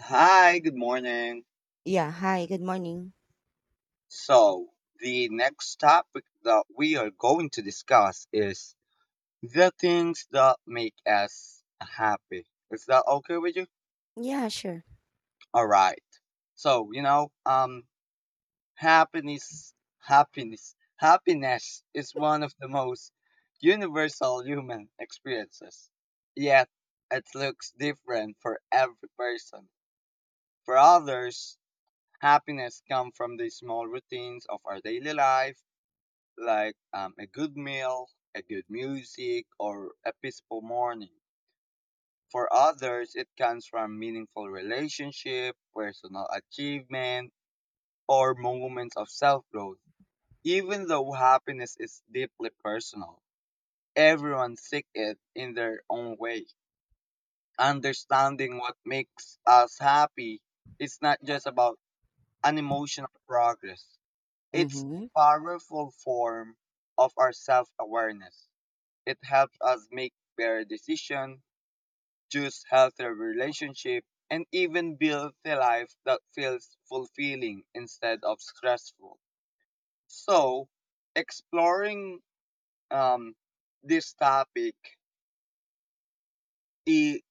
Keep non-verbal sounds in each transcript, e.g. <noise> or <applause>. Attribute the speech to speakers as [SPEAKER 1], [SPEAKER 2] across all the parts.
[SPEAKER 1] Hi, good morning.
[SPEAKER 2] Yeah, hi, good morning.
[SPEAKER 1] So, the next topic that we are going to discuss is the things that make us happy. Is that okay with you?
[SPEAKER 2] Yeah, sure.
[SPEAKER 1] All right. So, happiness is one of the most universal human experiences. Yet it looks different for every person. For others, happiness comes from the small routines of our daily life like a good meal, a good music, or a peaceful morning. For others, it comes from meaningful relationship, personal achievement, or moments of self-growth. Even though happiness is deeply personal, everyone seeks it in their own way. Understanding what makes us happy is not just about an emotional progress. It's a
[SPEAKER 2] Mm-hmm.
[SPEAKER 1] powerful form of our self-awareness. It helps us make better decisions, choose healthier relationships, and even build a life that feels fulfilling instead of stressful. So, exploring um, this topic, it,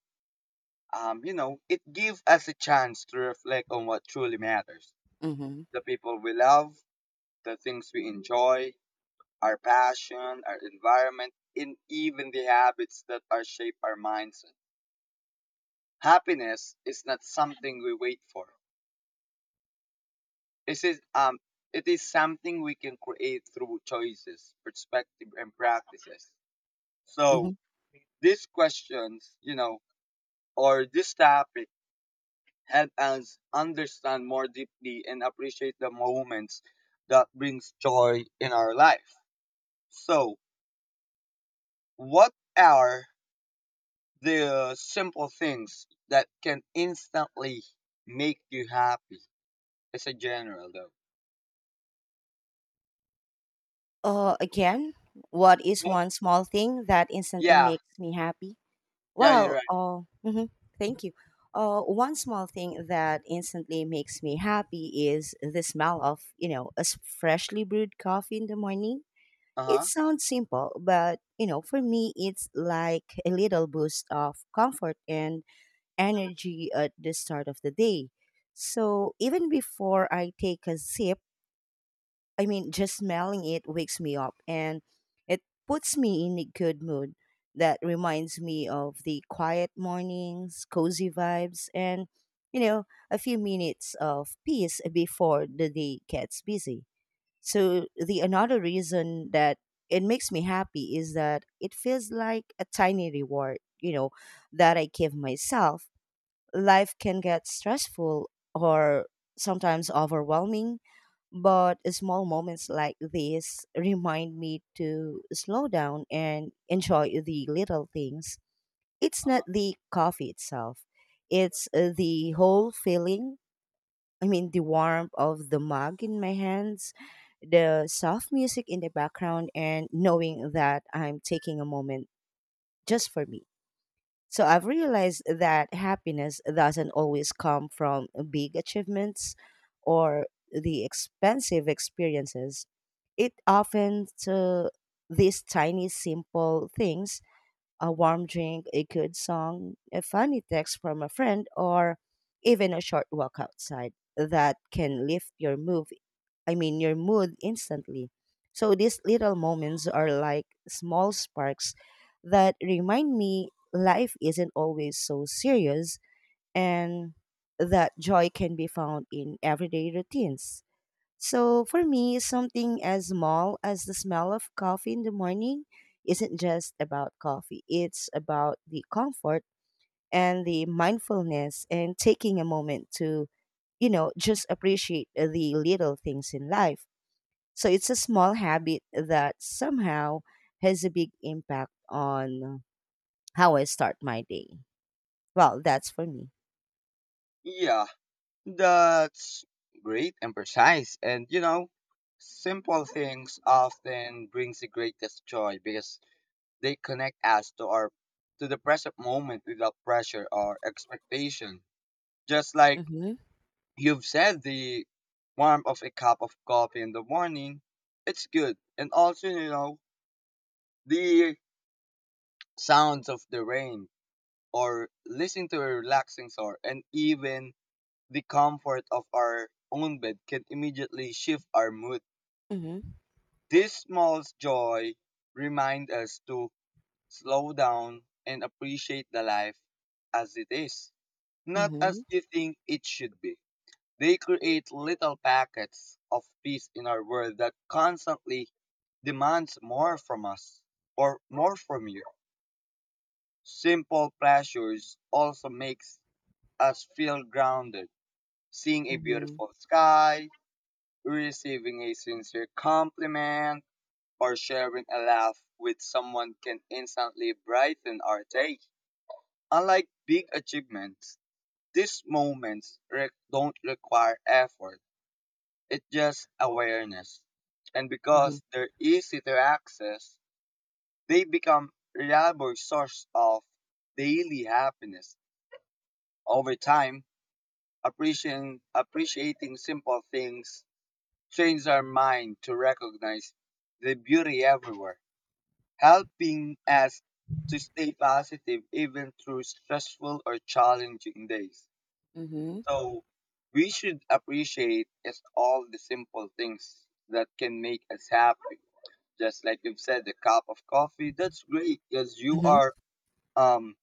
[SPEAKER 1] it gives us a chance to reflect on what truly matters:
[SPEAKER 2] Mm-hmm.
[SPEAKER 1] the people we love, the things we enjoy, our passion, our environment, and even the habits that are shape our mindset. Happiness is not something we wait for. It is um it is something we can create through choices, perspective and practices. So
[SPEAKER 2] Mm-hmm.
[SPEAKER 1] these questions, or this topic help us understand more deeply and appreciate the moments that brings joy in our life. So what are the simple things that can instantly make you happy? It's a general though.
[SPEAKER 2] Again, what is
[SPEAKER 1] What
[SPEAKER 2] one small thing that instantly
[SPEAKER 1] Yeah.
[SPEAKER 2] makes me happy?
[SPEAKER 1] Yeah, you're
[SPEAKER 2] Well,
[SPEAKER 1] right.
[SPEAKER 2] uh, mhm, thank you. One small thing that instantly makes me happy is the smell of, you know, a freshly brewed coffee in the morning.
[SPEAKER 1] Uh
[SPEAKER 2] It
[SPEAKER 1] huh.
[SPEAKER 2] sounds simple, but, you know, for me, it's like a little boost of comfort and energy at the start of the day. So even before I take a sip, I mean, just smelling it wakes me up and it puts me in a good mood that reminds me of the quiet mornings, cozy vibes, and, you know, a few minutes of peace before the day gets busy. So the another reason that it makes me happy is that it feels like a tiny reward, you know, that I give myself life can get stressful or sometimes overwhelming, but small moments like this remind me to slow down and enjoy the little things. It's
[SPEAKER 1] Uh
[SPEAKER 2] not
[SPEAKER 1] huh.
[SPEAKER 2] the coffee itself, it's the whole feeling. I mean, the warmth of the mug in my hands, the soft music in the background, and knowing that I'm taking a moment just for me. So I've realized that happiness doesn't always come from big achievements or the expensive experiences. It often to these tiny simple things a warm drink, a good song, a funny text from a friend, or even a short walk outside that can lift your mood. I mean, your mood instantly. So these little moments are like small sparks that remind me life isn't always so serious and that joy can be found in everyday routines. So for me, something as small as the smell of coffee in the morning isn't just about coffee. It's about the comfort and the mindfulness and taking a moment to, you know, just appreciate the little things in life. So it's a small habit that somehow has a big impact on how I start my day. Well, that's for me.
[SPEAKER 1] Yeah, that's great and precise. And you know, simple things often brings the greatest joy because they connect us to the present moment without pressure or expectation. Just like
[SPEAKER 2] Mm-hmm.
[SPEAKER 1] you've said, the warmth of a cup of coffee in the morning, it's good. And also, you know, the sounds of the rain or listening to a relaxing song and even the comfort of our own bed can immediately shift our mood.
[SPEAKER 2] Mm-hmm.
[SPEAKER 1] These small joy remind us to slow down and appreciate the life as it is, not
[SPEAKER 2] Mm-hmm.
[SPEAKER 1] as you think it should be. They create little packets of peace in our world that constantly demands more from us or more from you. Simple pleasures also makes us feel grounded. Seeing a
[SPEAKER 2] Mm-hmm.
[SPEAKER 1] beautiful sky, receiving a sincere compliment or sharing a laugh with someone can instantly brighten our day. Unlike big achievements, these don't require effort, it's just awareness. And
[SPEAKER 2] Mm-hmm.
[SPEAKER 1] because they're easy to access, they become reliable source of daily happiness. Over time, appreciating simple things trains our mind to recognize the beauty everywhere, helping us to stay positive even through stressful or challenging days.
[SPEAKER 2] Mm-hmm.
[SPEAKER 1] So, we should appreciate is all the simple things that can make us happy. Just like you've said, the cup of coffee, that's great because you
[SPEAKER 2] Mm-hmm.
[SPEAKER 1] are um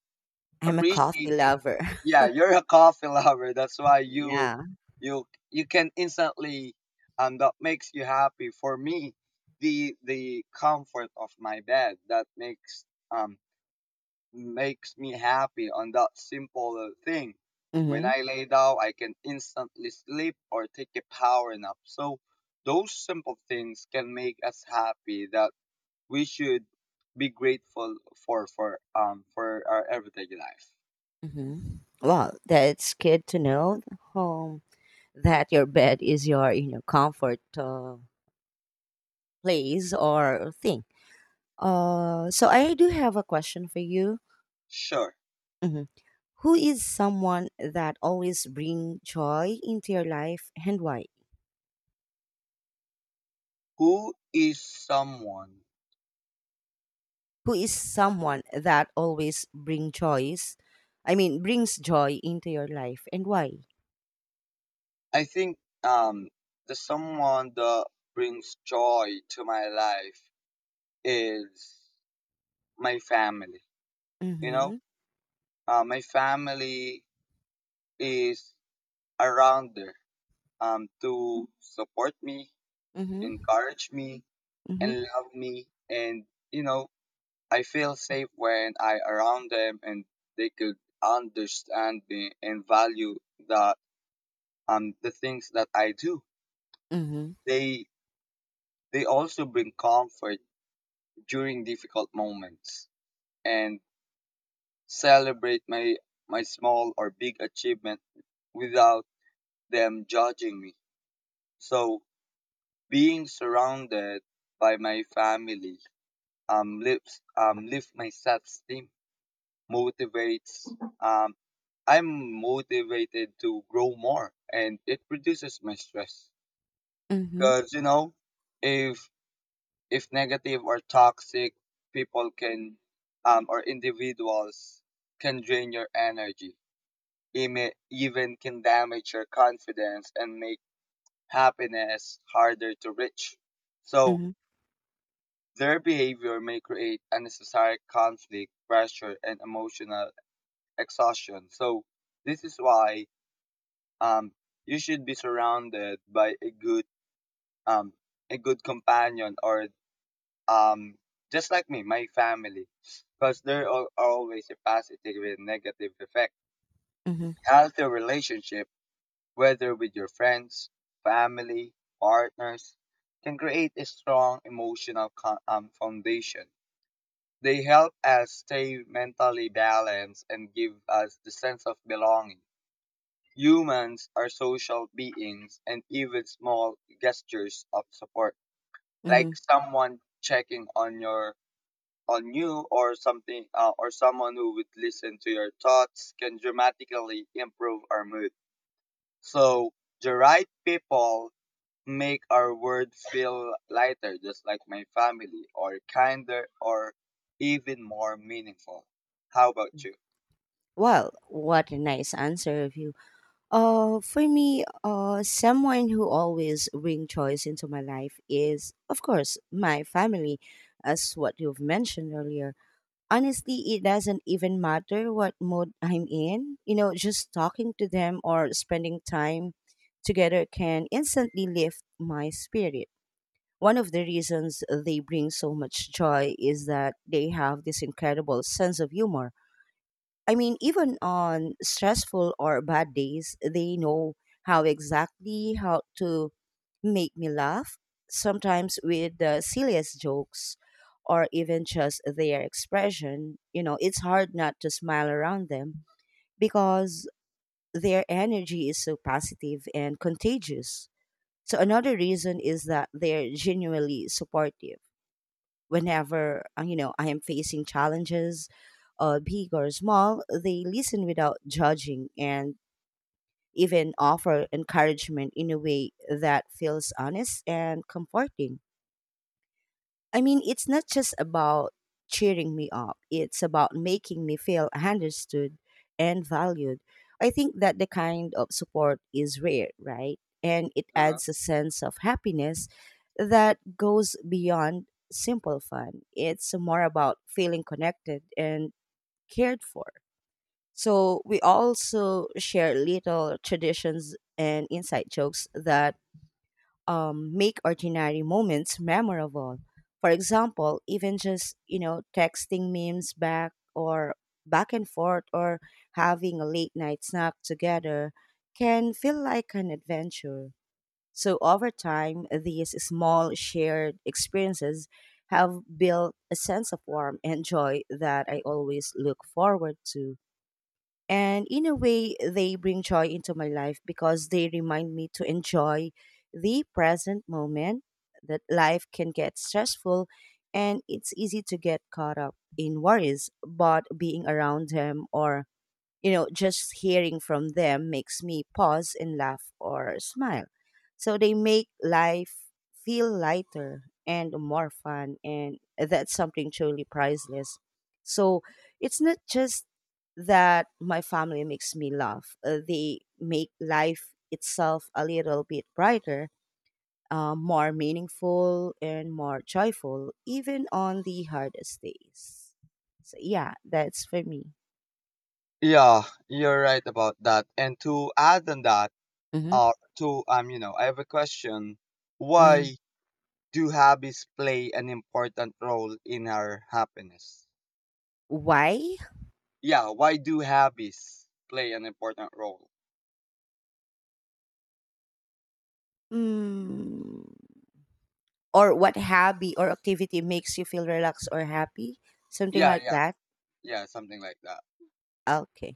[SPEAKER 2] I'm a coffee
[SPEAKER 1] appreciating,
[SPEAKER 2] lover. <laughs>
[SPEAKER 1] yeah, you're a coffee lover, that's why you
[SPEAKER 2] Yeah.
[SPEAKER 1] you you can instantly that makes you happy. For me, the comfort of my bed that um makes me happy on that simple thing. When
[SPEAKER 2] Mm-hmm.
[SPEAKER 1] I lay down I can instantly sleep or take a power nap, so those simple things can make us happy that we should be grateful for for our everyday life.
[SPEAKER 2] Mm-hmm. Well, that's good to know um, that your bed is your you know comfort place or thing. So I do have a question for you.
[SPEAKER 1] Sure.
[SPEAKER 2] Mhm. Who is someone that always bring joy into your life and why?
[SPEAKER 1] Who is someone?
[SPEAKER 2] Who is someone that always bring joys? I mean, brings joy into your life and why?
[SPEAKER 1] I think um the someone that brings joy to my life is my family. You know,
[SPEAKER 2] Mm-hmm.
[SPEAKER 1] my family is around there to support me,
[SPEAKER 2] Mm-hmm.
[SPEAKER 1] encourage me, and
[SPEAKER 2] Mm-hmm.
[SPEAKER 1] love me, and you know I feel safe when I around them and they could understand me and value the the things that I do.
[SPEAKER 2] Mm-hmm.
[SPEAKER 1] They They also bring comfort during difficult moments and celebrate my small or big achievement without them judging me. So being surrounded by my family lift my self esteem, motivates, um I'm motivated to grow more and it reduces my stress.
[SPEAKER 2] Mm-hmm.
[SPEAKER 1] Cause you know, if if negative or toxic people can, or individuals, can drain your energy. It may even can damage your confidence and make happiness harder to reach, so
[SPEAKER 2] Mm-hmm.
[SPEAKER 1] their behavior may create unnecessary conflict pressure and emotional exhaustion. So this is why, um, you should be surrounded by a good, um, a good companion or, um just like me, my family, because there are always a positive and negative effect. Healthy relationship whether with your friends, family, partners can create a strong emotional foundation. They help us stay mentally balanced and give us the sense of belonging. Humans are social beings and even small gestures of support like
[SPEAKER 2] Mm-hmm.
[SPEAKER 1] someone checking on you or something, or someone who would listen to your thoughts can dramatically improve our mood. So the right people make our world feel lighter, just like my family, or kinder, or even more meaningful. How about you?
[SPEAKER 2] Well, what a nice answer of you. For me, someone who always bring choice into my life is, of course, my family, as what you've mentioned earlier. Honestly, it doesn't even matter what mood I'm in. You know, just talking to them or spending time together can instantly lift my spirit. One of the reasons they bring so much joy is that they have this incredible sense of humor I mean, even on stressful or bad days, they know how exactly how to make me laugh, sometimes with the silliest jokes or even just their expression. You know, it's hard not to smile around them because their energy is so positive and contagious. So, another reason is that they're genuinely supportive whenever you know I am facing challenges, big or small, they listen without judging and even offer encouragement in a way that feels honest and comforting. I mean, it's not just about cheering me up, it's about making me feel understood and valued. I think that the kind of support is rare, right? And it
[SPEAKER 1] uh
[SPEAKER 2] adds a sense of happiness that goes beyond simple fun. It's more about feeling connected and cared for. So, we also share little traditions and inside jokes that make ordinary moments memorable. For example, even just you know texting memes back and forth or having a late night snack together can feel like an adventure. So over time, these small shared experiences have built a sense of warmth and joy that I always look forward to. And in a way, they bring joy into my life because they remind me to enjoy the present moment, that life can get stressful and it's easy to get caught up in worries. But being around them or you know, just hearing from them makes me pause and laugh or smile. So they make life feel lighter and more fun, and that's something truly priceless. So it's not just that my family makes me laugh, they make life itself a little bit brighter. More meaningful and more joyful, even on the hardest days. So, yeah, that's for me.
[SPEAKER 1] Yeah, you're right about that. And to add on that,
[SPEAKER 2] Mm-hmm.
[SPEAKER 1] to you know, I have a question. Why do habits play an important role in our happiness?
[SPEAKER 2] Why?
[SPEAKER 1] Yeah, why do habits play an important role?
[SPEAKER 2] Mm, or what hobby or activity makes you feel relaxed or happy? Something
[SPEAKER 1] Yeah,
[SPEAKER 2] like
[SPEAKER 1] yeah,
[SPEAKER 2] that.
[SPEAKER 1] yeah, something like that.
[SPEAKER 2] Okay.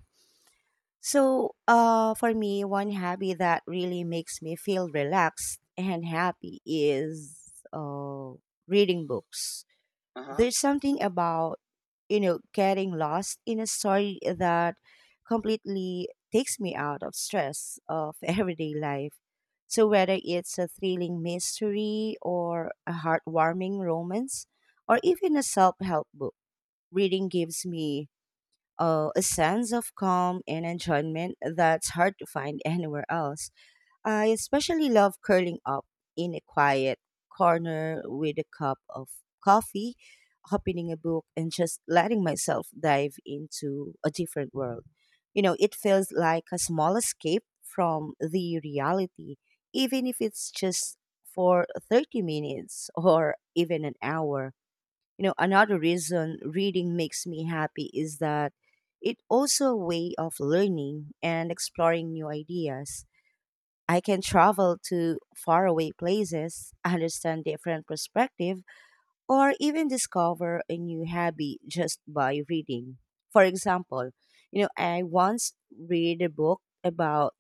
[SPEAKER 2] So, for me, one hobby that really makes me feel relaxed and happy is reading books.
[SPEAKER 1] Uh-huh.
[SPEAKER 2] There's something about you know getting lost in a story that completely takes me out of stress of <laughs> everyday life so whether it's a thrilling mystery or a heartwarming romance or even a self-help book reading gives me a sense of calm and enjoyment that's hard to find <laughs> anywhere else I especially love curling up in a quiet corner with a cup of coffee, opening a book, and just letting myself dive into a different world. You know, it feels like a small escape from the reality, even if it's just for 30 minutes <laughs> or even an hour. You know, another reason reading makes me happy is that it also a way of learning and exploring new ideas I can travel to faraway places, understand different perspective, or even discover a new hobby just by reading. For example, you know, I once read a book about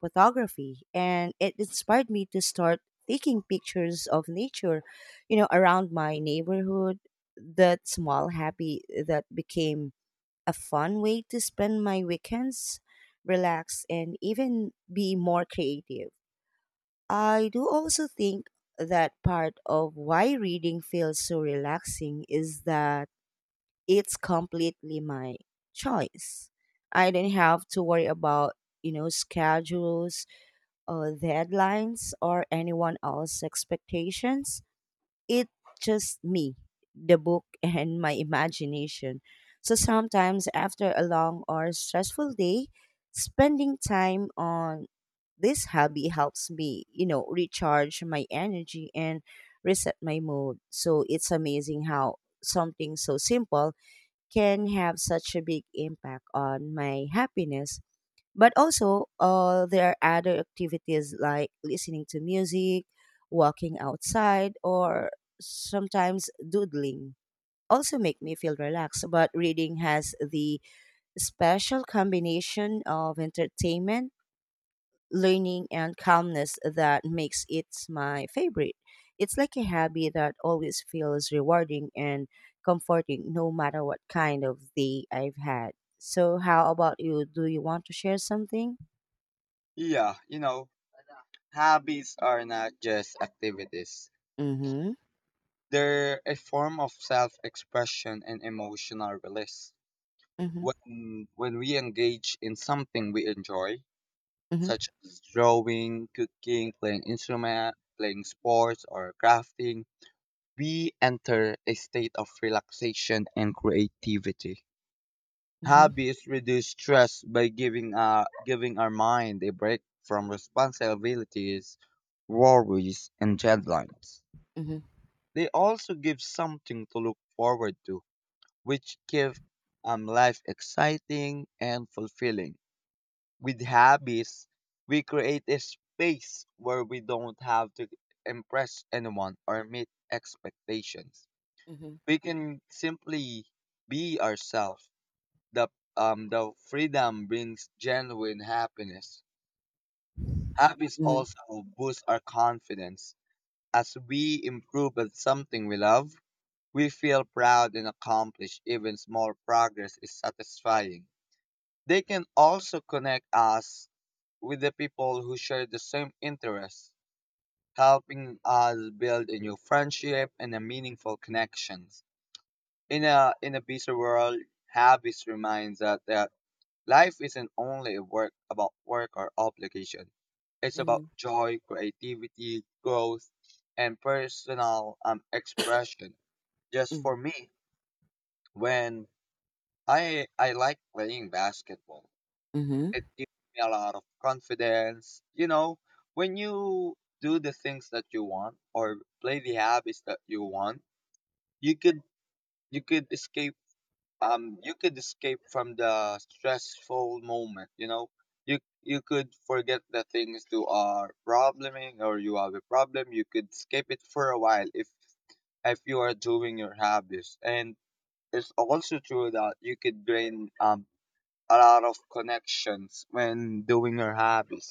[SPEAKER 2] photography and it inspired me to start taking pictures of nature, you know, around my neighborhood. That small hobby that became a fun way to spend my weekends, relax, and even be more creative. I do also think that part of why reading feels so relaxing is that it's completely my choice. I don't have to worry about, you know, schedules or deadlines or anyone else's expectations. It's just me, the book, <laughs> and my imagination. So sometimes after a long or stressful day, spending time on this hobby helps me, you know, recharge my energy and reset my mood. So it's amazing how something so simple can have such a big impact on my happiness. But also, there are other activities like listening to music, walking outside, or sometimes doodling also make me feel relaxed. But reading has the special combination of entertainment learning and calmness that makes it my favorite. It's like a hobby that always feels rewarding and comforting no matter what kind of day I've had. So how about you? Do you want to share something?
[SPEAKER 1] Yeah, you know, habits are not just activities.
[SPEAKER 2] Mm-hmm.
[SPEAKER 1] They're a form of self-expression and emotional release.
[SPEAKER 2] Mm-hmm.
[SPEAKER 1] When we engage in something we enjoy,
[SPEAKER 2] Mm-hmm.
[SPEAKER 1] such as drawing, cooking, playing instrument, playing sports or crafting, we enter a state of relaxation and creativity.
[SPEAKER 2] Mm-hmm.
[SPEAKER 1] Hobbies reduce stress by giving our mind a break from responsibilities, worries, and deadlines.
[SPEAKER 2] Mm-hmm.
[SPEAKER 1] They also give something to look forward to, which give life exciting and fulfilling. With hobbies, we create a space where we don't have to impress anyone or meet expectations.
[SPEAKER 2] Mm-hmm.
[SPEAKER 1] We can simply be ourselves. the the freedom brings genuine happiness. Hobbies
[SPEAKER 2] Mm-hmm.
[SPEAKER 1] also boost our confidence. As we improve at something we love, we feel proud and accomplished. Even small progress is satisfying. They can also connect us with the people who share the same interests, helping us build a new friendship and a meaningful connections. In a busy world, habits reminds us that life isn't only work about work or obligation. It's about
[SPEAKER 2] Mm-hmm.
[SPEAKER 1] joy, creativity, growth, and personal expression. Just for me, when I like playing basketball,
[SPEAKER 2] Mm-hmm.
[SPEAKER 1] it gives me a lot of confidence. You know, when you do the things that you want or play the habits that you want, you could you could escape you could escape from the stressful moment. You know, you could forget the things you are probleming or you have a problem. You could escape it for a while if you are doing your hobbies, and it's also true that you could gain a lot of connections when doing your hobbies.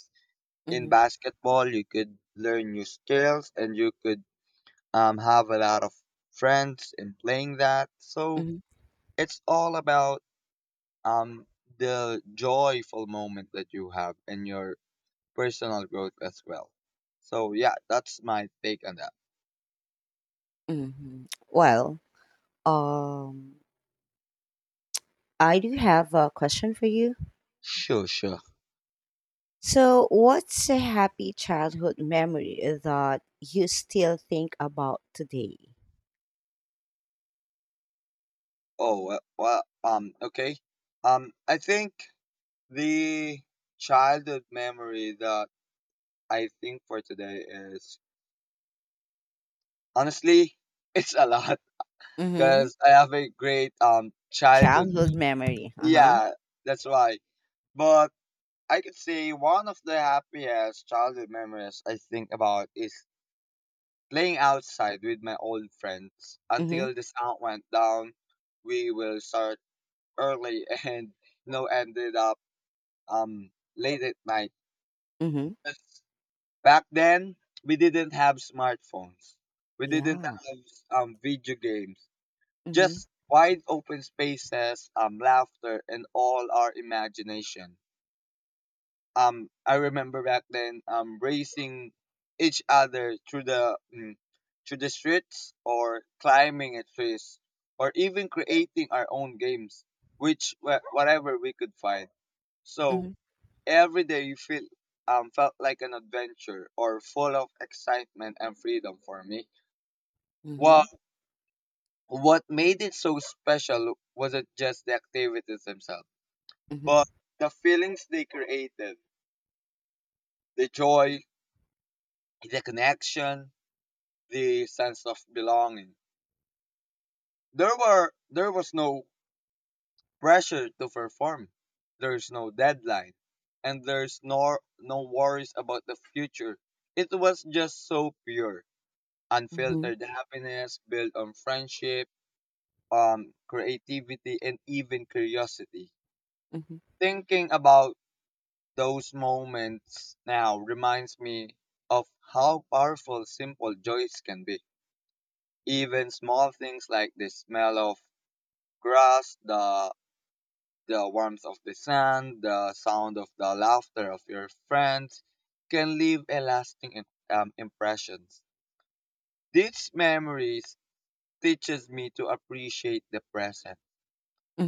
[SPEAKER 1] In
[SPEAKER 2] Mm-hmm.
[SPEAKER 1] basketball you could learn new skills and you could have a lot of friends in playing that. So it's all about um the joyful moment that you have and your personal growth as well. So yeah, that's my take on that.
[SPEAKER 2] Mm-hmm. Well, um I do have a question for you.
[SPEAKER 1] Sure, sure.
[SPEAKER 2] So, what's a happy childhood memory that you still think about today?
[SPEAKER 1] Oh, well, okay. I think the childhood memory that I think for today is honestly <laughs> it's a lot <laughs>
[SPEAKER 2] Mm-hmm.
[SPEAKER 1] because I have a great childhood.
[SPEAKER 2] Childhood memory. Uh huh.
[SPEAKER 1] Yeah, that's why. But I could say one of the happiest childhood memories I think about is playing outside with my old friends
[SPEAKER 2] Mm-hmm.
[SPEAKER 1] until the sun went down. We will start early <laughs> and ended up um late at night.
[SPEAKER 2] Mm-hmm.
[SPEAKER 1] That's- Back then, we didn't have smartphones. We didn't
[SPEAKER 2] Yeah.
[SPEAKER 1] have video games.
[SPEAKER 2] Mm-hmm.
[SPEAKER 1] Just wide open spaces, laughter, and all our imagination. I remember back then racing each other through through the streets or climbing at trees or even creating our own games, which whatever we could find. So
[SPEAKER 2] Mm-hmm.
[SPEAKER 1] every day you feel felt like an adventure or full of excitement and freedom for me. Well,
[SPEAKER 2] Mm-hmm.
[SPEAKER 1] what made it so special wasn't just the activities themselves, but
[SPEAKER 2] Mm-hmm.
[SPEAKER 1] the feelings they created, the joy, the connection, the sense of belonging. There was no pressure to perform. There's no deadline, and there's no worries about the future. It was just so pure,
[SPEAKER 2] Mm-hmm.
[SPEAKER 1] unfiltered happiness built on friendship, creativity, and even curiosity.
[SPEAKER 2] Mm-hmm.
[SPEAKER 1] Thinking about those moments now reminds me of how powerful simple joys can be. Even small things like the smell of grass, the warmth of the sun, the sound of the laughter of your friends can leave a lasting impressions. These memories teaches me to appreciate the present,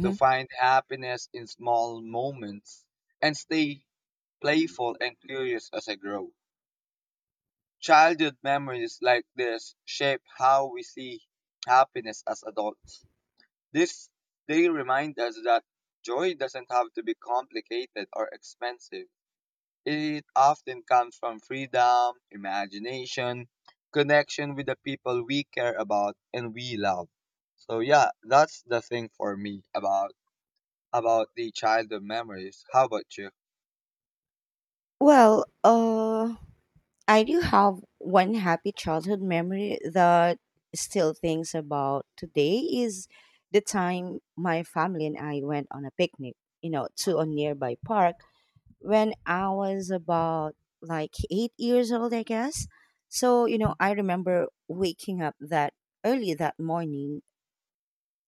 [SPEAKER 1] to find happiness in small moments, and stay playful and curious as I grow. Childhood memories like this shape how we see happiness as adults. This They remind us that joy doesn't have to be complicated or expensive. It often comes from freedom, imagination, connection with the people we care about and we love. So yeah, that's the thing for me about the childhood memories. How about you?
[SPEAKER 2] Well, I do have one happy childhood memory that still thinks about today is the time my family and I went on a picnic, you know, to a nearby park when I was about like 8 years old, I guess. So, you know, I remember waking up that early that morning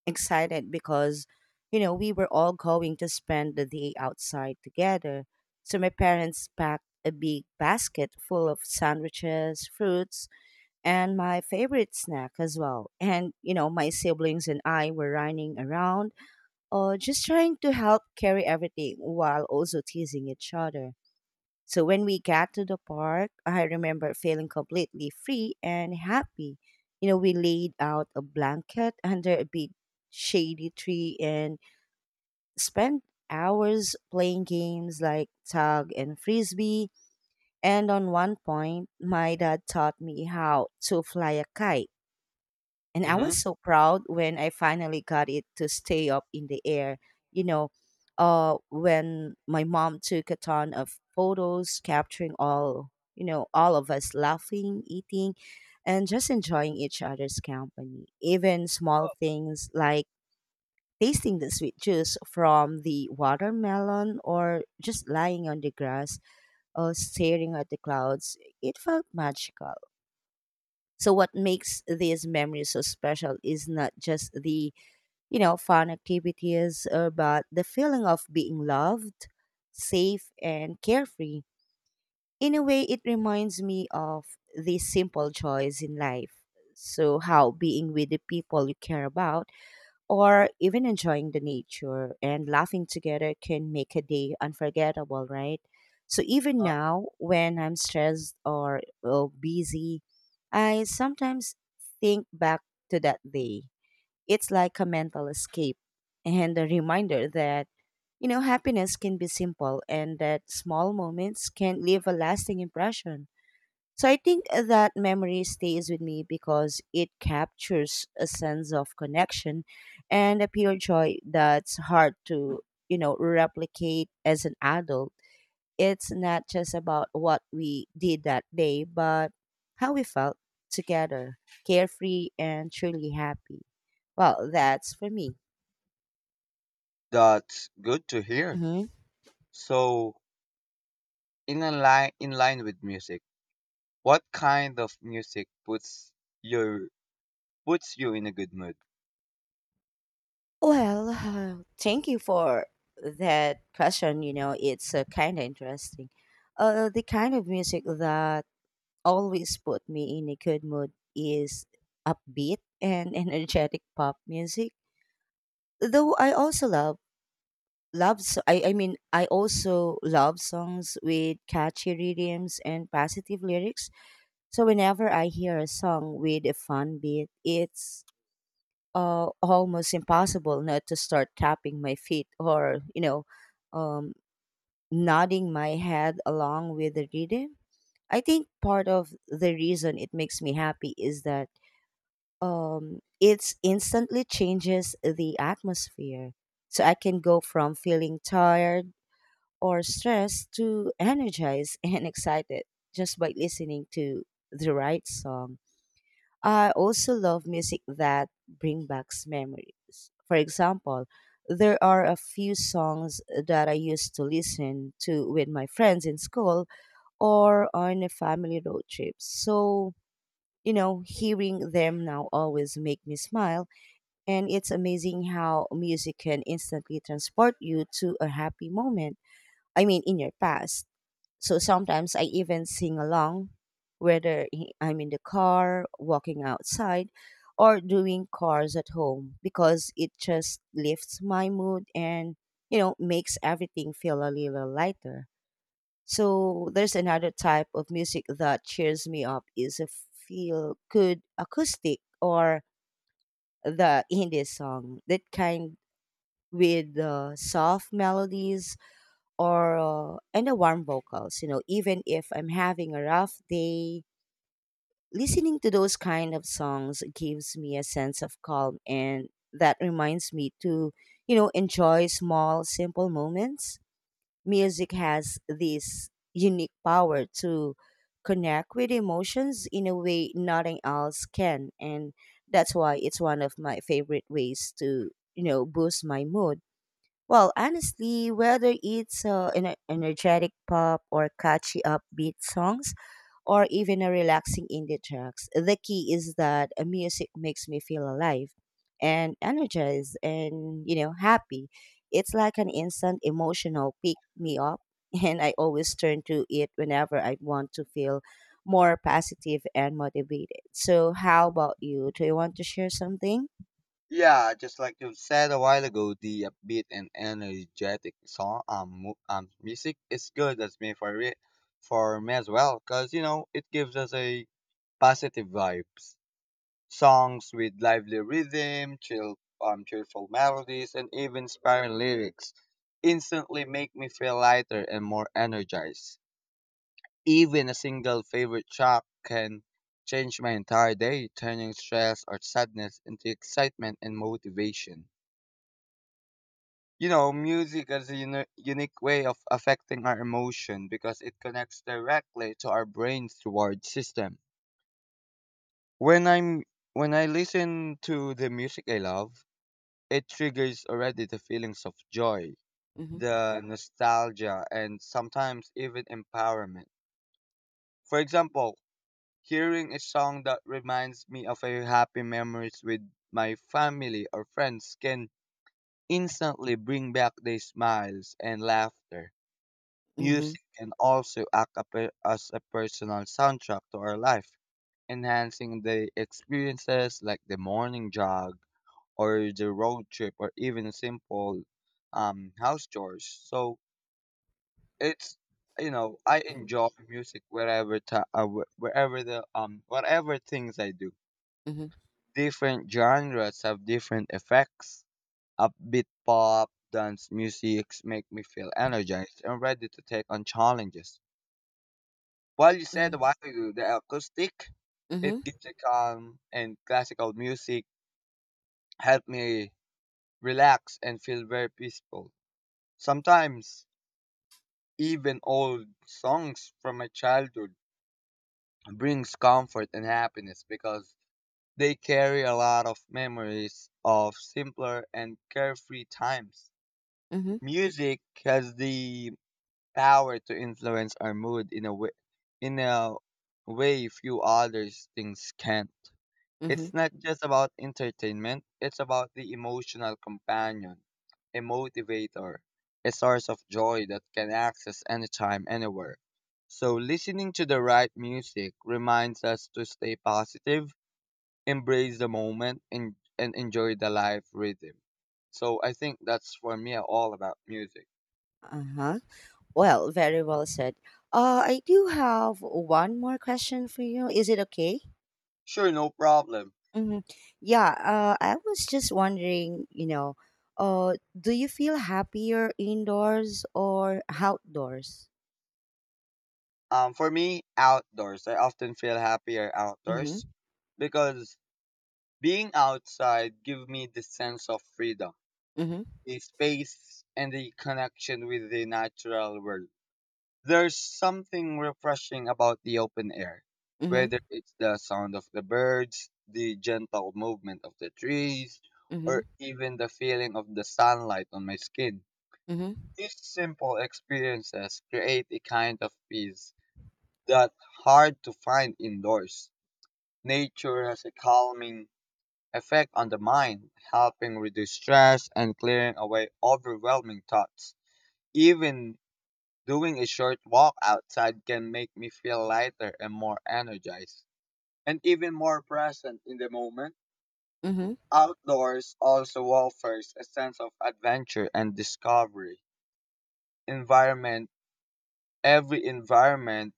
[SPEAKER 2] excited because you know we were all going to spend the day outside together so my parents packed a big basket full of sandwiches fruits and my favorite snack as well <laughs> and you know my siblings and I were running around or just trying to help carry everything while also teasing each other so when we got to the park, I remember feeling completely free and happy. You know, we laid out a blanket under a big shady tree and spent hours playing games like tug and frisbee. And on one point, my dad taught me how to fly a kite and I
[SPEAKER 1] Mm-hmm.
[SPEAKER 2] was so proud when I finally got it to stay up in the air. You know, when my mom took a ton of photos, capturing all, you know, all of us laughing, eating, and just enjoying each other's company. Even small things like tasting the sweet juice from the watermelon or just lying on the grass or staring at the clouds, it felt magical. So, what makes these memories so special is not just the you know, fun activities, but the feeling of being loved, safe, and carefree. In a way, it reminds me of these simple joys in life. So, how being with the people you care about, or even enjoying the nature and laughing together can make a day unforgettable, right? So, even now, when I'm stressed or busy, I sometimes think back to that day. It's like a mental escape and a reminder that, happiness can be simple and that small moments can leave a lasting impression. So I think that memory stays with me because it captures a sense of connection and a pure joy that's hard to, replicate as an adult. It's not just about what we did that day, but how we felt together, carefree and truly happy. Well, that's for me.
[SPEAKER 1] That's good to hear.
[SPEAKER 2] Hmm.
[SPEAKER 1] So, in a line with music, what kind of music puts your puts you in a good mood?
[SPEAKER 2] Well, thank you for that question. You know, it's kind of interesting. The kind of music that always put me in a good mood is upbeat and <laughs> energetic pop music. Though I also love. I mean, I also love songs with catchy rhythms and positive lyrics. So whenever I hear a song with a fun beat, it's almost impossible not to start tapping my feet or um, nodding my head along with the rhythm. I think part of the reason it makes me happy is that it instantly changes the atmosphere, so I can go from feeling tired or stressed to energized <laughs> and excited just by listening to the right song. I also love music that bring back memories. For example, there are a few songs that I used to listen to with my friends in school or on a family road trip. So, hearing them now always make me smile, and it's amazing how music can instantly transport you to a happy moment. I mean, in your past. So sometimes I even sing along, whether I'm in the car, walking outside, or doing chores at home, because it just lifts my mood and, makes everything feel a little lighter. So there's another type of music that cheers me up is a feel good acoustic or the indie song that kind, with the soft melodies or and the warm vocals. You know, even if I'm having a rough day, listening to those kind of songs gives me a sense of calm and that reminds me to, enjoy small simple moments. Music has this unique power to connect with emotions in a way nothing else can, and that's why it's one of my favorite ways to, boost my mood. Well, honestly, whether it's an energetic pop or catchy upbeat songs or even a relaxing indie tracks, the key is that music makes me feel alive and energized and, happy. It's like an instant emotional pick me up <laughs> and I always turn to it whenever I want to feel more positive and motivated. So, how about you? Do you want to share something?
[SPEAKER 1] Yeah, just like you said a while ago, the upbeat and energetic music is good. That's me for it, For me as well, cause you know it gives us a positive vibes. Songs with lively rhythm, chill cheerful melodies, and even inspiring lyrics instantly make me feel lighter and more energized. Even a single favorite track can change my entire day, turning stress or sadness into excitement and motivation. You know, music is a unique way of affecting our emotion because it connects directly to our brain's reward system. When I'm when I listen to the music I love, it triggers already the feelings of joy,
[SPEAKER 2] Mhm,
[SPEAKER 1] the nostalgia, and sometimes even empowerment. For example, hearing a song that reminds me of a happy memories with my family or friends can instantly bring back the smiles and laughter.
[SPEAKER 2] mhm,
[SPEAKER 1] Music can also act a as a personal soundtrack to our life, enhancing the experiences like the morning jog or the road trip or even simple house chores. So it's you know I enjoy music wherever wherever the whatever things I do.
[SPEAKER 2] mhm,
[SPEAKER 1] Different genres have different effects. Upbeat pop, dance music make me feel energized and ready to take on challenges. What you said a
[SPEAKER 2] mhm,
[SPEAKER 1] while ago, the acoustic, it
[SPEAKER 2] mhm,
[SPEAKER 1] gives a calm, and classical music help me relax and feel very peaceful. Sometimes even old songs from my childhood brings comfort and happiness because they carry a lot of memories of simpler and carefree times.
[SPEAKER 2] mhm,
[SPEAKER 1] Music has the power to influence our mood in a in a way few other things can.
[SPEAKER 2] mhm.
[SPEAKER 1] It's not just about entertainment, it's about the emotional companion, a motivator, a source of joy that can access anytime, anywhere. So, listening to the right music reminds us to stay positive, embrace the moment, and enjoy the life rhythm. So, I think that's for me all about music.
[SPEAKER 2] Uh-huh. Well, very well said. I do have one more question for you. Is it okay?
[SPEAKER 1] Sure, no problem.
[SPEAKER 2] Hmm. Yeah, I was just wondering, do you feel happier indoors or outdoors?
[SPEAKER 1] For me, outdoors. I often feel happier
[SPEAKER 2] Mm-hmm.
[SPEAKER 1] outdoors because being outside gives me the sense of freedom,
[SPEAKER 2] Mm-hmm.
[SPEAKER 1] the space, and the connection with the natural world. There's something refreshing about the open air,
[SPEAKER 2] Mm-hmm.
[SPEAKER 1] whether it's the sound of the birds, the gentle movement of the trees,
[SPEAKER 2] Mm-hmm.
[SPEAKER 1] or even the feeling of the sunlight on my skin.
[SPEAKER 2] Mm-hmm.
[SPEAKER 1] These simple experiences create a kind of peace that's hard to find indoors. Nature has a calming effect on the mind, helping reduce stress and clearing away overwhelming thoughts. Even doing a short walk outside can make me feel lighter and more energized, and even more present in the moment.
[SPEAKER 2] Mm-hmm.
[SPEAKER 1] Outdoors also offers a sense of adventure and discovery. Environment, every environment,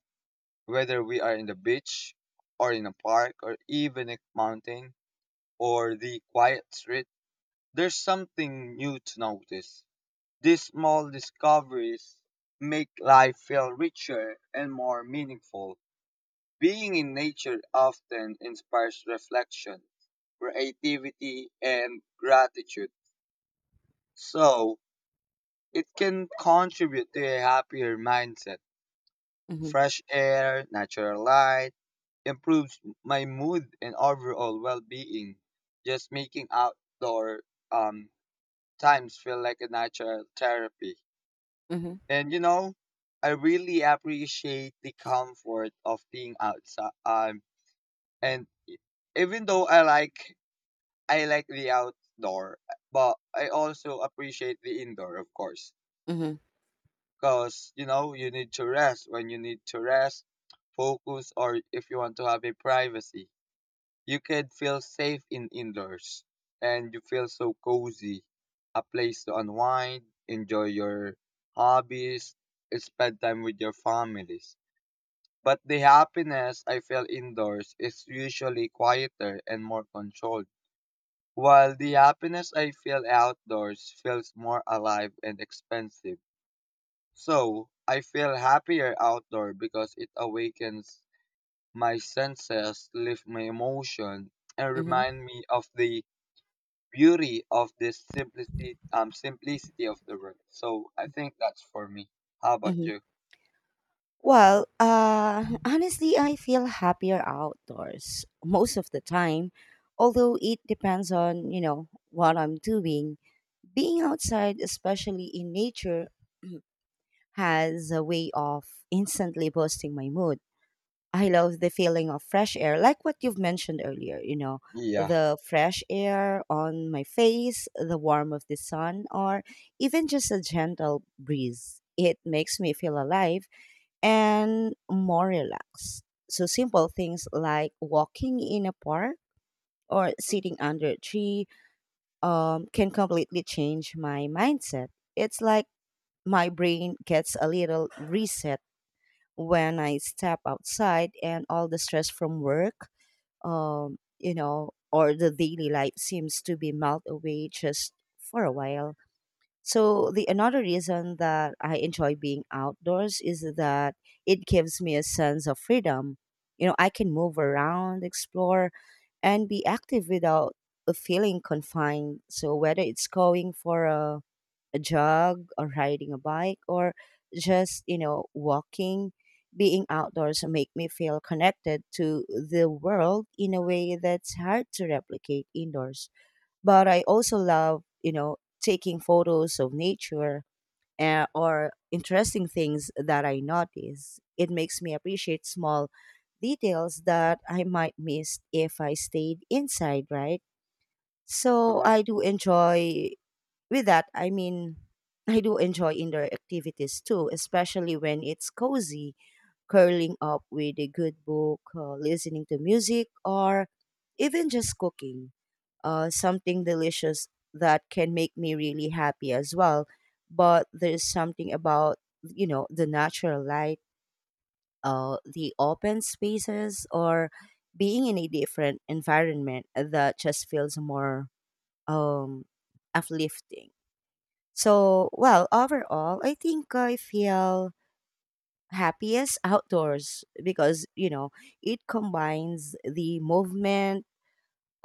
[SPEAKER 1] whether we are in the beach or in a park or even a mountain or the quiet street, there's something new to notice. These small discoveries make life feel richer and more meaningful. Being in nature often inspires reflection, creativity, and gratitude, so it can contribute to a happier mindset.
[SPEAKER 2] Mm-hmm.
[SPEAKER 1] Fresh air, natural light, improves my mood and overall well-being. Just making outdoor um, times feel like a natural therapy.
[SPEAKER 2] Mm-hmm.
[SPEAKER 1] And you know, I really appreciate the comfort of being outside. And e- Even though I like the outdoor, but I also appreciate the indoor, of course,
[SPEAKER 2] Mm-hmm.
[SPEAKER 1] because you know you need to rest when you need to rest, focus, or if you want to have a privacy, you can feel safe in indoors, and you feel so cozy, a place to unwind, enjoy your hobbies, spend time with your families. But the happiness I feel indoors is usually quieter and more controlled, while the happiness I feel outdoors feels more alive and expensive. So, I feel happier outdoor because it awakens my senses, lifts my emotion, and
[SPEAKER 2] Mm-hmm.
[SPEAKER 1] remind me of the beauty of this simplicity, simplicity of the world. So, I think that's for me. How about
[SPEAKER 2] Mm-hmm.
[SPEAKER 1] you?
[SPEAKER 2] Well, <laughs> honestly, I feel happier outdoors most of the time, although it depends on, what I'm doing. Being outside, especially in nature, <clears throat> has a way of instantly boosting my mood. I love the feeling of fresh air, like what you've mentioned earlier,
[SPEAKER 1] Yeah.
[SPEAKER 2] the fresh air on my face, the warmth of the sun, or even just a gentle breeze. It makes me feel alive and more relaxed. So, simple things like walking in a park or sitting under a tree can completely change my mindset. It's like my brain gets a little reset when I step outside and all the stress from work, or the daily life seems to be melt away just for a while. So the another reason that I enjoy being outdoors is that it gives me a sense of freedom. You know, I can move around, explore, and be active without feeling confined. So whether it's going for a jog or riding a bike or just, walking. Being outdoors make me feel connected to the world in a way that's hard to replicate indoors. But I also love, taking photos of nature or interesting things that I notice. It makes me appreciate small details that I might miss if I stayed inside, right? So
[SPEAKER 1] Uh-huh.
[SPEAKER 2] I do enjoy with that, I mean, I do enjoy indoor activities too, especially when it's cozy, curling up with a good book, listening to music, or even just cooking something delicious that can make me really happy as well. But there's something about, the natural light, the open spaces, or being in a different environment that just feels more um, uplifting. So, well, overall, I think I feel happiest outdoors because, it combines the movement,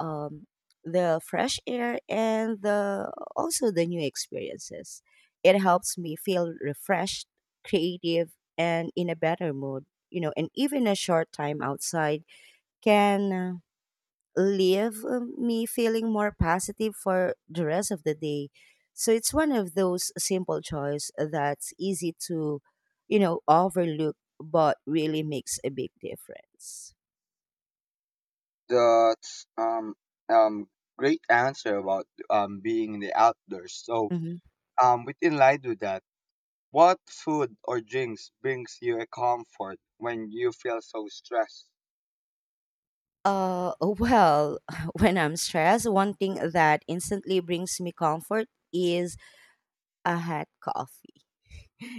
[SPEAKER 2] um, the fresh air and the also the new experiences. It helps me feel refreshed, creative and in a better mood. You know, and even a short time outside can leave me feeling more positive for the rest of the day. So it's one of those simple choice that's easy to, overlook, but really makes a big difference.
[SPEAKER 1] That's um great answer about being in the outdoors. So
[SPEAKER 2] Hmm.
[SPEAKER 1] within light to that, what food or drinks brings you a comfort when you feel so stressed? <laughs>
[SPEAKER 2] Well, <laughs> when I'm stressed, one thing that instantly brings me comfort is a hot coffee.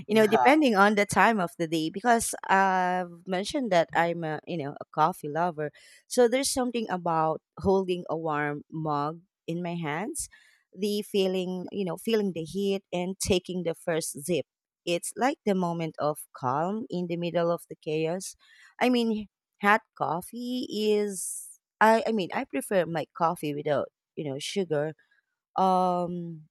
[SPEAKER 2] You know,
[SPEAKER 1] Nah.
[SPEAKER 2] depending on the time of the day, because I've mentioned that I'm a, a coffee lover. So there's something about holding a warm mug in my hands, the feeling, feeling the heat and taking the first sip. It's like the moment of calm in the middle of the chaos. I mean, hot coffee is. I prefer my coffee without, sugar. Um,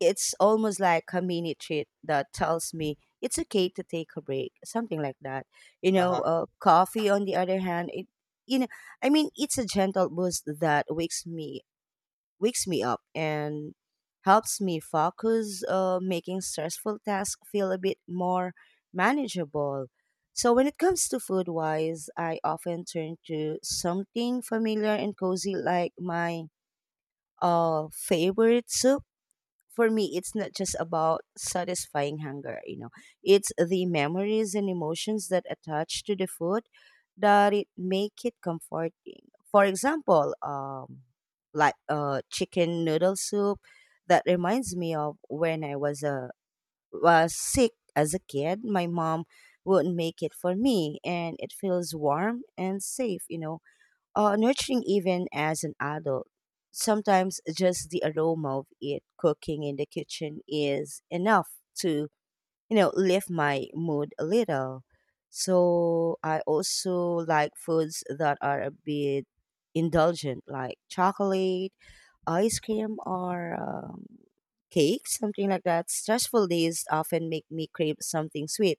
[SPEAKER 2] it's almost like a mini treat that tells me it's okay to take a break, something like that. You know,
[SPEAKER 1] Uh-huh.
[SPEAKER 2] coffee on the other hand, it, you know, I mean, it's a gentle boost that wakes me up and helps me focus, making stressful tasks feel a bit more manageable. So when it comes to food wise, I often turn to something familiar and cozy like my favorite soup. For me it's not just about satisfying hunger, you know, it's the memories and emotions that attach to the food that it make it comforting. For example, like chicken noodle soup that reminds me of when I was sick as a kid. My mom would make it for me and it feels warm and safe, you know, nurturing even as an adult. Sometimes just the aroma of it cooking in the kitchen is enough to, lift my mood a little. So I also like foods that are a bit indulgent, like chocolate ice cream or cake, something like that. Stressful days often make me crave something sweet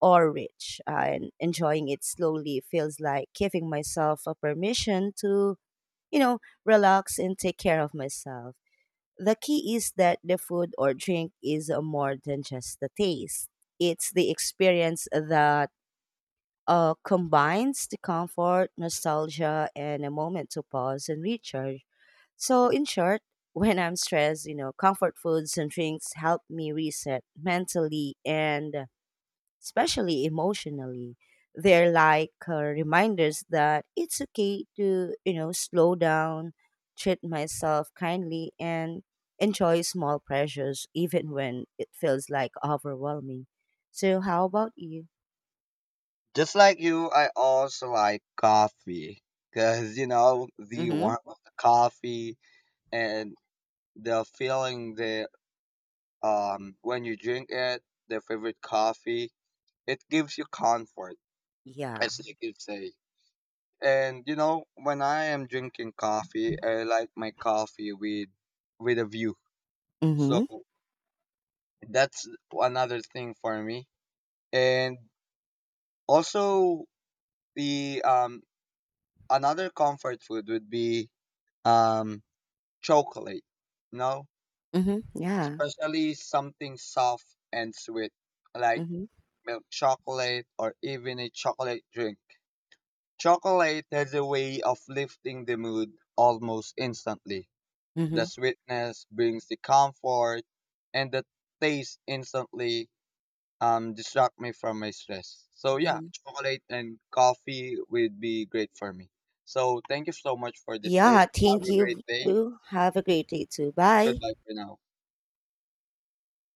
[SPEAKER 2] or rich, and enjoying it slowly feels like giving myself a permission to, relax and take care of myself. The key is that the food or drink is more than just the taste. It's the experience that combines the comfort, nostalgia, and a moment to pause and recharge. So,
[SPEAKER 1] Mm-hmm.
[SPEAKER 2] in short, <laughs> when I'm stressed, you know, comfort foods and drinks help me reset mentally and especially emotionally. They're like reminders that it's okay to, slow down, treat myself kindly, and enjoy small pleasures even when it feels like overwhelming. So, how about you?
[SPEAKER 1] Just like you, I also like coffee. Cause you know,
[SPEAKER 2] Mm
[SPEAKER 1] the
[SPEAKER 2] hmm.
[SPEAKER 1] warmth of the coffee and the feeling that when you drink it, the favorite coffee, it gives you comfort,
[SPEAKER 2] Yeah.
[SPEAKER 1] as like you could say. And you know, when I am drinking coffee, I like my coffee with a view. So
[SPEAKER 2] Mm
[SPEAKER 1] that's another thing for me. And also the another comfort food would be um chocolate, you know,
[SPEAKER 2] hmm. Mm hmm. Yeah.
[SPEAKER 1] especially something soft and sweet like
[SPEAKER 2] Mm hmm.
[SPEAKER 1] milk chocolate or even a chocolate drink. Chocolate has a way of lifting the mood almost instantly. The
[SPEAKER 2] Mm
[SPEAKER 1] sweetness brings the comfort, and the taste instantly distract me from my stress. So yeah,
[SPEAKER 2] hmm.
[SPEAKER 1] chocolate and coffee would be great for me. So thank you so much for this day.
[SPEAKER 2] Yeah,
[SPEAKER 1] Have
[SPEAKER 2] thank
[SPEAKER 1] a great
[SPEAKER 2] you
[SPEAKER 1] day.
[SPEAKER 2] too. Have a great day too. Bye.
[SPEAKER 1] Goodbye for now.